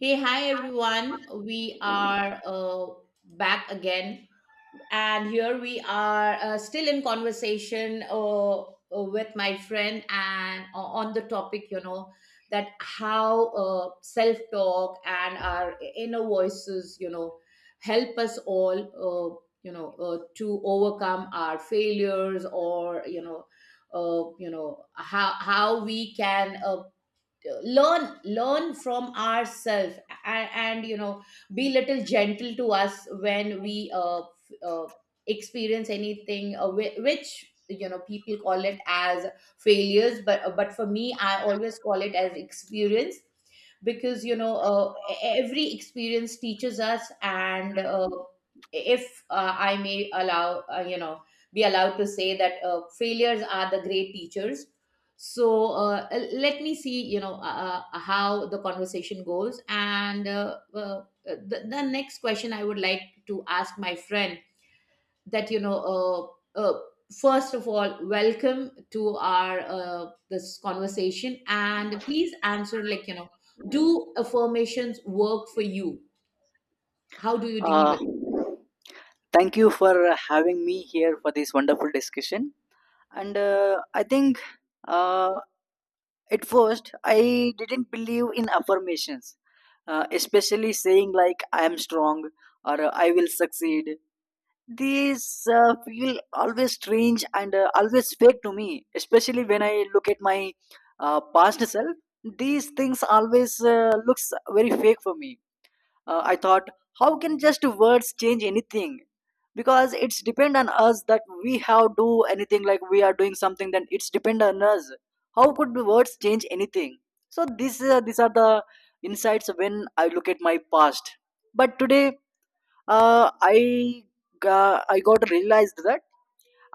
Hey, hi everyone. We are back again, and here we are still in conversation with my friend, and on the topic, that how self-talk and our inner voices, help us all, to overcome our failures or, how we can learn from ourselves, and, and be little gentle to us when we experience anything which people call it as failures, but for me I always call it as experience, because every experience teaches us. And if I may allow, be allowed to say that failures are the great teachers. So let me see how the conversation goes. And well, the next question I would like to ask my friend, that first of all, welcome to our this conversation, and please answer, like, do affirmations work for you? How do you deal Uh, with it? Thank you for having me here for this wonderful discussion. And I think uh, at first I didn't believe in affirmations, especially saying like I am strong or I will succeed. These feel always strange and always fake to me, especially when I look at my past self. These things always looks very fake for me. I thought, how can just words change anything? Because it's depend on us that we have do anything, like we are doing something, then it's depend on us. How could the words change anything? So this these are the insights when I look at my past. But today, uh, i I got realized that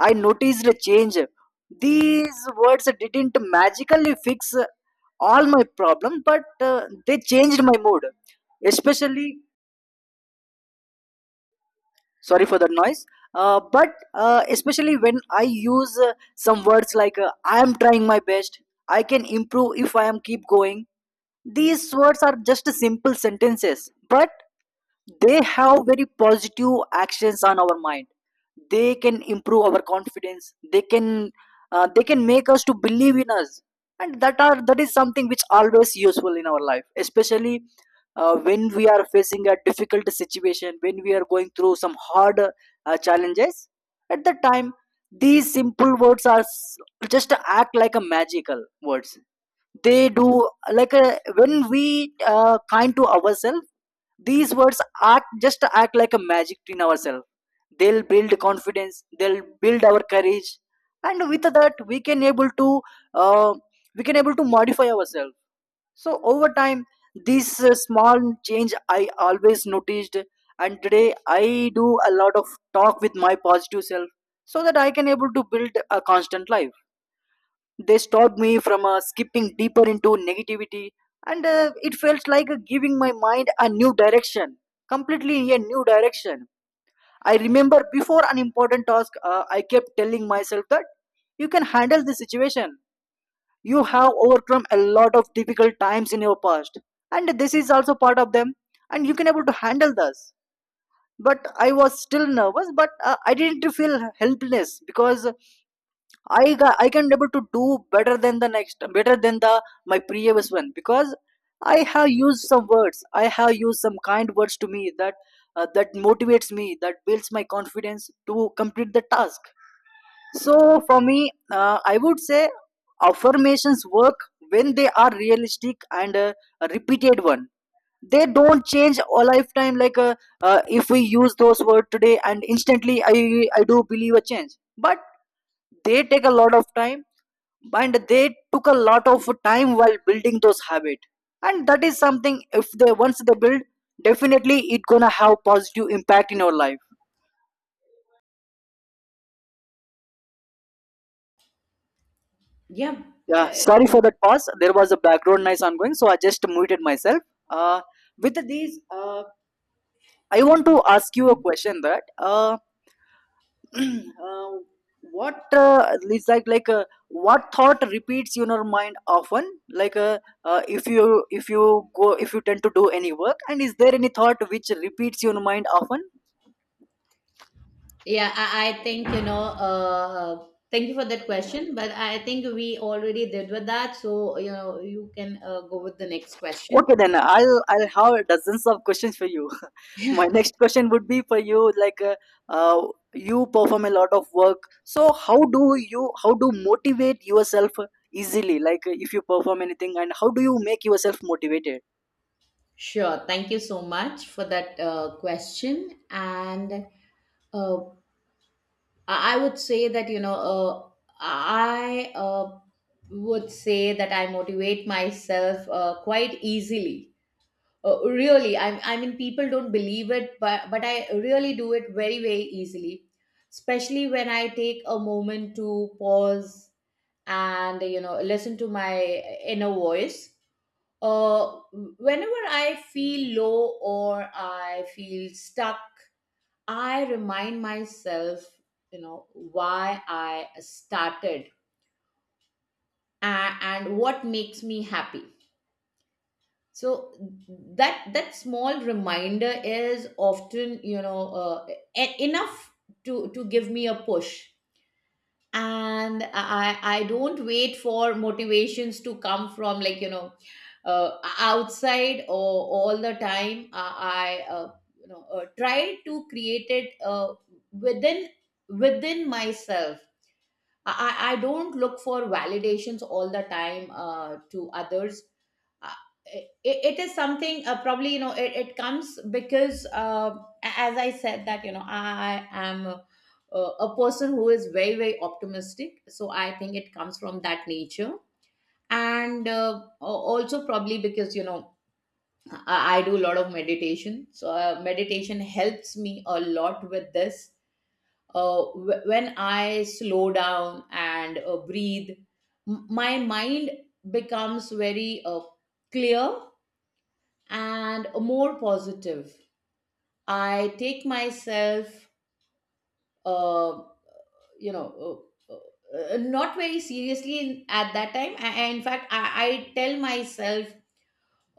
I noticed a change. These words didn't magically fix all my problem, but they changed my mood. Especially, sorry for the noise. But Especially when I use some words like I am trying my best, I can improve if I am keep going. These words are just simple sentences, but they have very positive actions on our mind. They can improve our confidence, they can make us to believe in us. And that is something which always useful in our life, especially when we are facing a difficult situation, when we are going through some hard challenges. At that time, these simple words are just act like a magical words. They do like when we kind to ourselves, these words act just act like a magic in ourselves. They'll build confidence, they'll build our courage, and with that we can able to uh, we can able to modify ourselves. So over time, this small change I always noticed. And today I do a lot of talk with my positive self, so that I can able to build a constant life. They stopped me from skipping deeper into negativity, and it felt like giving my mind a new direction, completely a new direction. I remember before an important task, I kept telling myself that you can handle the situation. You have overcome a lot of difficult times in your past, and this is also part of them, and you can able to handle this. But I was still nervous, but I didn't feel helpless, because I got, I can able to do better than the next, better than the my previous one, because I have used some words. I have used some kind words to me that that motivates me, that builds my confidence to complete the task. So for me, I would say affirmations work when they are realistic and a repeated one. They don't change a lifetime like if we use those words today and instantly I do believe a change, but they take a lot of time, and they took a lot of time while building those habits. And that is something, if they once they build, definitely it gonna have positive impact in your life. Yeah. Yeah, sorry uh, for that pause, there was a background noise ongoing, so I just muted myself. uh, with these, I want to ask you a question that, uh, what it's like what thought repeats in your mind often, like uh, if you if you go, if you tend to do any work, and is there any thought which repeats in your mind often? Yeah, I think, thank you for that question, but I think we already did with that. So, you can go with the next question. Okay, then i'll have dozens of questions for you. Yeah. My next question would be for you, like uh, you perform a lot of work, so how do you, how do motivate yourself easily, like if you perform anything, and how do you make yourself motivated? Sure. Thank you so much for that question. And uh, I would say that, I would say that I motivate myself quite easily. Really, I mean, people don't believe it, but I really do it very, very easily. Especially when I take a moment to pause and listen to my inner voice. Uh, Whenever I feel low or I feel stuck, I remind myself, why I started, and, what makes me happy. So that small reminder is often enough to give me a push. And I don't wait for motivations to come from, like, outside, or all the time I try to create it within within myself. I don't look for validations all the time, to others. Uh, it is something, probably, it comes because, as I said, that I am a, person who is very very optimistic, so I think it comes from that nature. And also probably because I do a lot of meditation, so meditation helps me a lot with this. When I slow down and breathe, my mind becomes very clear and more positive. I take myself, uh, you know, not very seriously, at that time. In fact, I tell myself,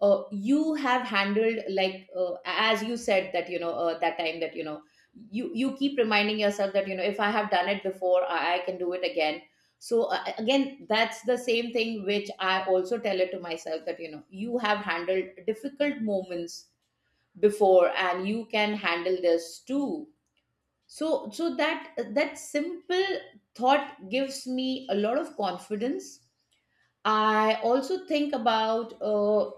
you have handled, like, as you said that that time, that you keep reminding yourself that if I have done it before, I can do it again. So again, that's the same thing which I also tell it to myself, that you have handled difficult moments before, and you can handle this too. So that simple thought gives me a lot of confidence. I also think about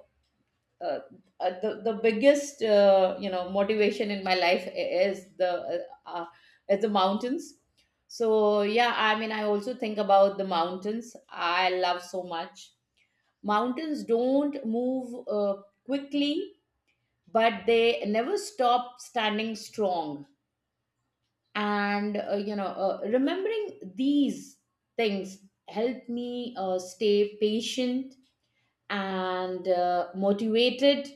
uh, the biggest, motivation in my life uh, is the mountains. So yeah, I mean, I also think about the mountains. I love so much. Mountains don't move quickly, but they never stop standing strong. And remembering these things help me stay patient and motivated.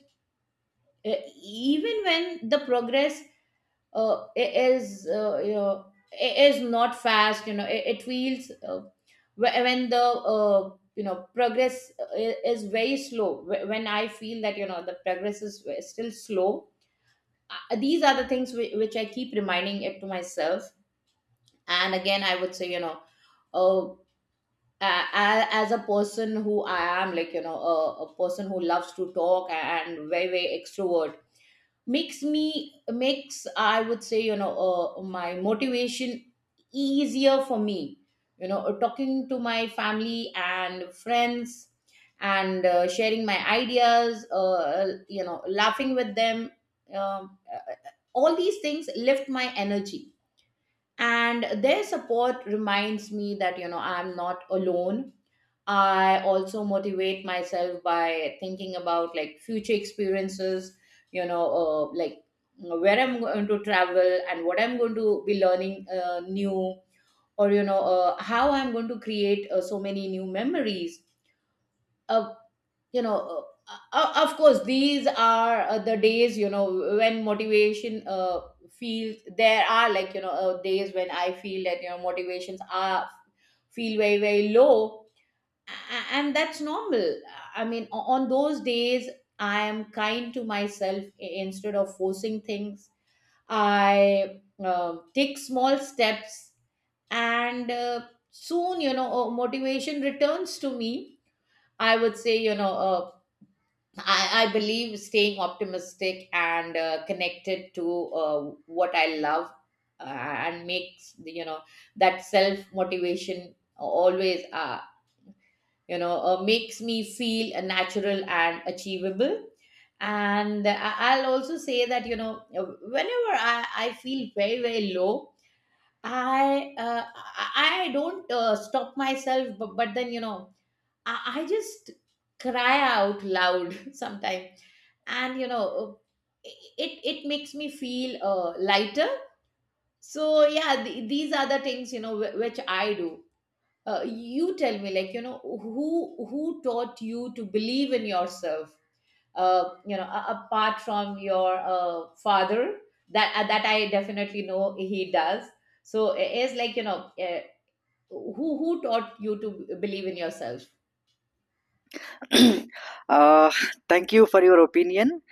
Uh, Even when the progress uh, i- is uh, you know is not fast, it feels, when the, progress is very slow, when I feel that the progress is still slow. These are the things which I keep reminding it to myself. And again, I would say, uh, as a person who I am, like, a, person who loves to talk and very very extrovert, makes I would say, my motivation easier for me. Talking to my family and friends, and sharing my ideas, laughing with them. um, all these things lift my energy, and their support reminds me that I'm not alone. I also motivate myself by thinking about, like, future experiences, like where I'm going to travel, and what I'm going to be learning new, or how I'm going to create so many new memories. Uh, of course, these are the days when motivation feels. There are, like, days when I feel that motivations are feel very very low. And that's normal. I mean, on those days I am kind to myself, instead of forcing things, I take small steps, and soon motivation returns to me. I would say, I believe staying optimistic and connected to uh, what I love, and makes that self motivation always, makes me feel natural and achievable. And I'll also say that whenever I feel very very low, I I don't stop myself, but, then I just cry out loud sometimes, and it makes me feel lighter. So yeah, these are the things which I do. You tell me, like, who taught you to believe in yourself, apart from your father, that I definitely know he does. So it is, like, who taught you to believe in yourself? uh, Thank you for your opinion.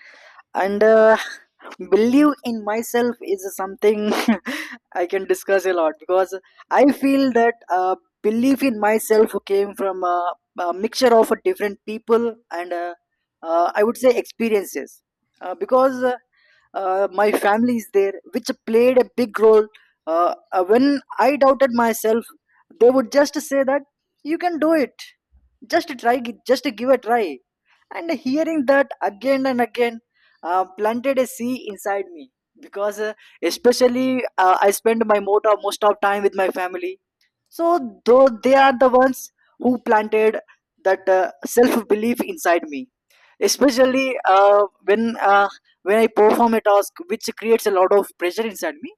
And believe in myself is something, I can discuss a lot, because I feel that belief in myself came from a mixture of different people, and I would say experiences, because my family is there which played a big role. When I doubted myself, they would just say that you can do it, just try, just give a try. And hearing that again and again planted a seed inside me, because especially I spend my most of time with my family. So though they are the ones who planted that self belief inside me, especially uh, when uh, when I perform a task which creates a lot of pressure inside me,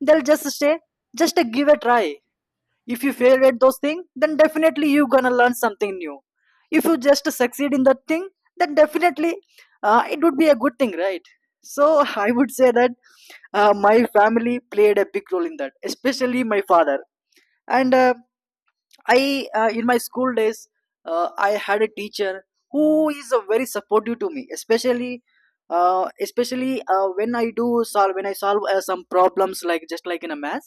they'll just say, just give a try. If you fail at those things, then definitely you are gonna learn something new. If you just succeed in that thing, then definitely it would be a good thing, right? So I would say that my family played a big role in that, especially my father. And in my school days, I had a teacher who is very supportive to me, especially when I solve some problems, like just like in a math,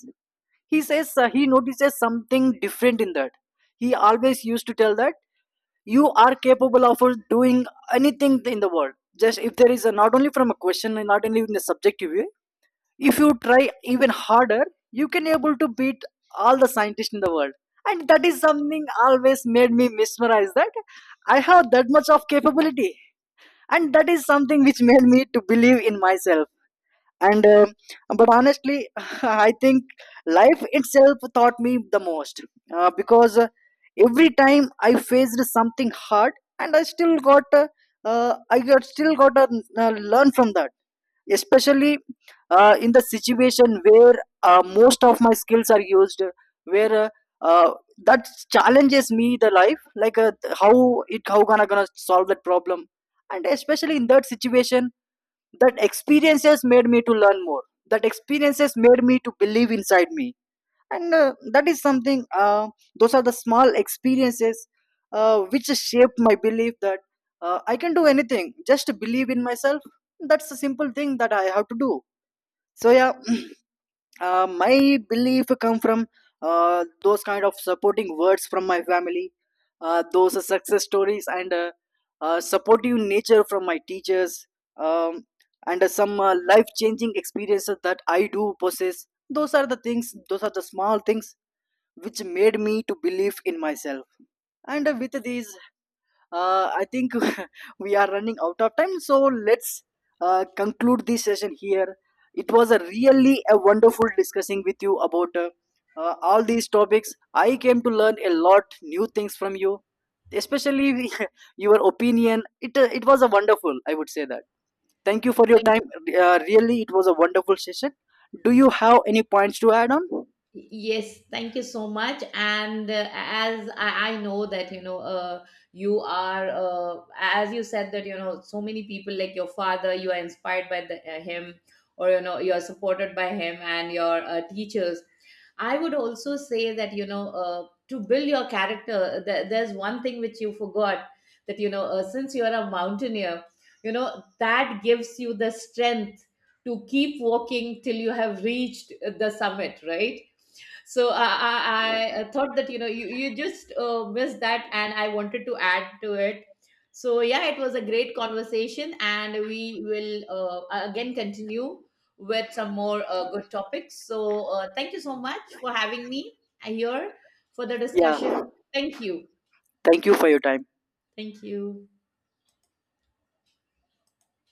he says he notices something different in that. He always used to tell that you are capable of doing anything in the world. Just, if there is a, not only from a question and not only in a subjective way, if you try even harder, you can able to beat all the scientists in the world. And that is something always made me mesmerize that I have that much of capability, and that is something which made me to believe in myself. And um, but honestly, I think life itself taught me the most, because every time I faced something hard, and I still got I got still got to learn from that. Especially in the situation where most of my skills are used, where uh, that challenges me the life, like how it how gonna solve that problem. And especially in that situation, that experiences made me to learn more, that experiences made me to believe inside me. And that is something, those are the small experiences which shaped my belief that I can do anything, just believe in myself. That's a simple thing that I have to do. So yeah, my belief come from those kind of supporting words from my family, those are success stories, and supportive nature from my teachers. Um, and uh, some life changing experiences that I do possess, those are the things, those are the small things which made me to believe in myself. And with these, I think we are running out of time, so let's conclude this session here. It was a really a wonderful discussing with you about all these topics. I came to learn a lot new things from you, especially your opinion. It it was a wonderful, I would say that. Thank you for your time. Really, it was a wonderful session. Do you have any points to add on? Yes, thank you so much. And as I know that you are, as you said, that so many people, like your father, you are inspired by him, or you are supported by him and your teachers. I would also say that to build your character, there's one thing which you forgot, that since you are a mountaineer, you know that gives you the strength to keep walking till you have reached the summit, right? So I thought that you just missed that, and I wanted to add to it. So yeah, it was a great conversation, and we will, again, continue with some more good topics. So thank you so much for having me here for the Yeah. discussion. Thank you, Thank you for your time. thank you.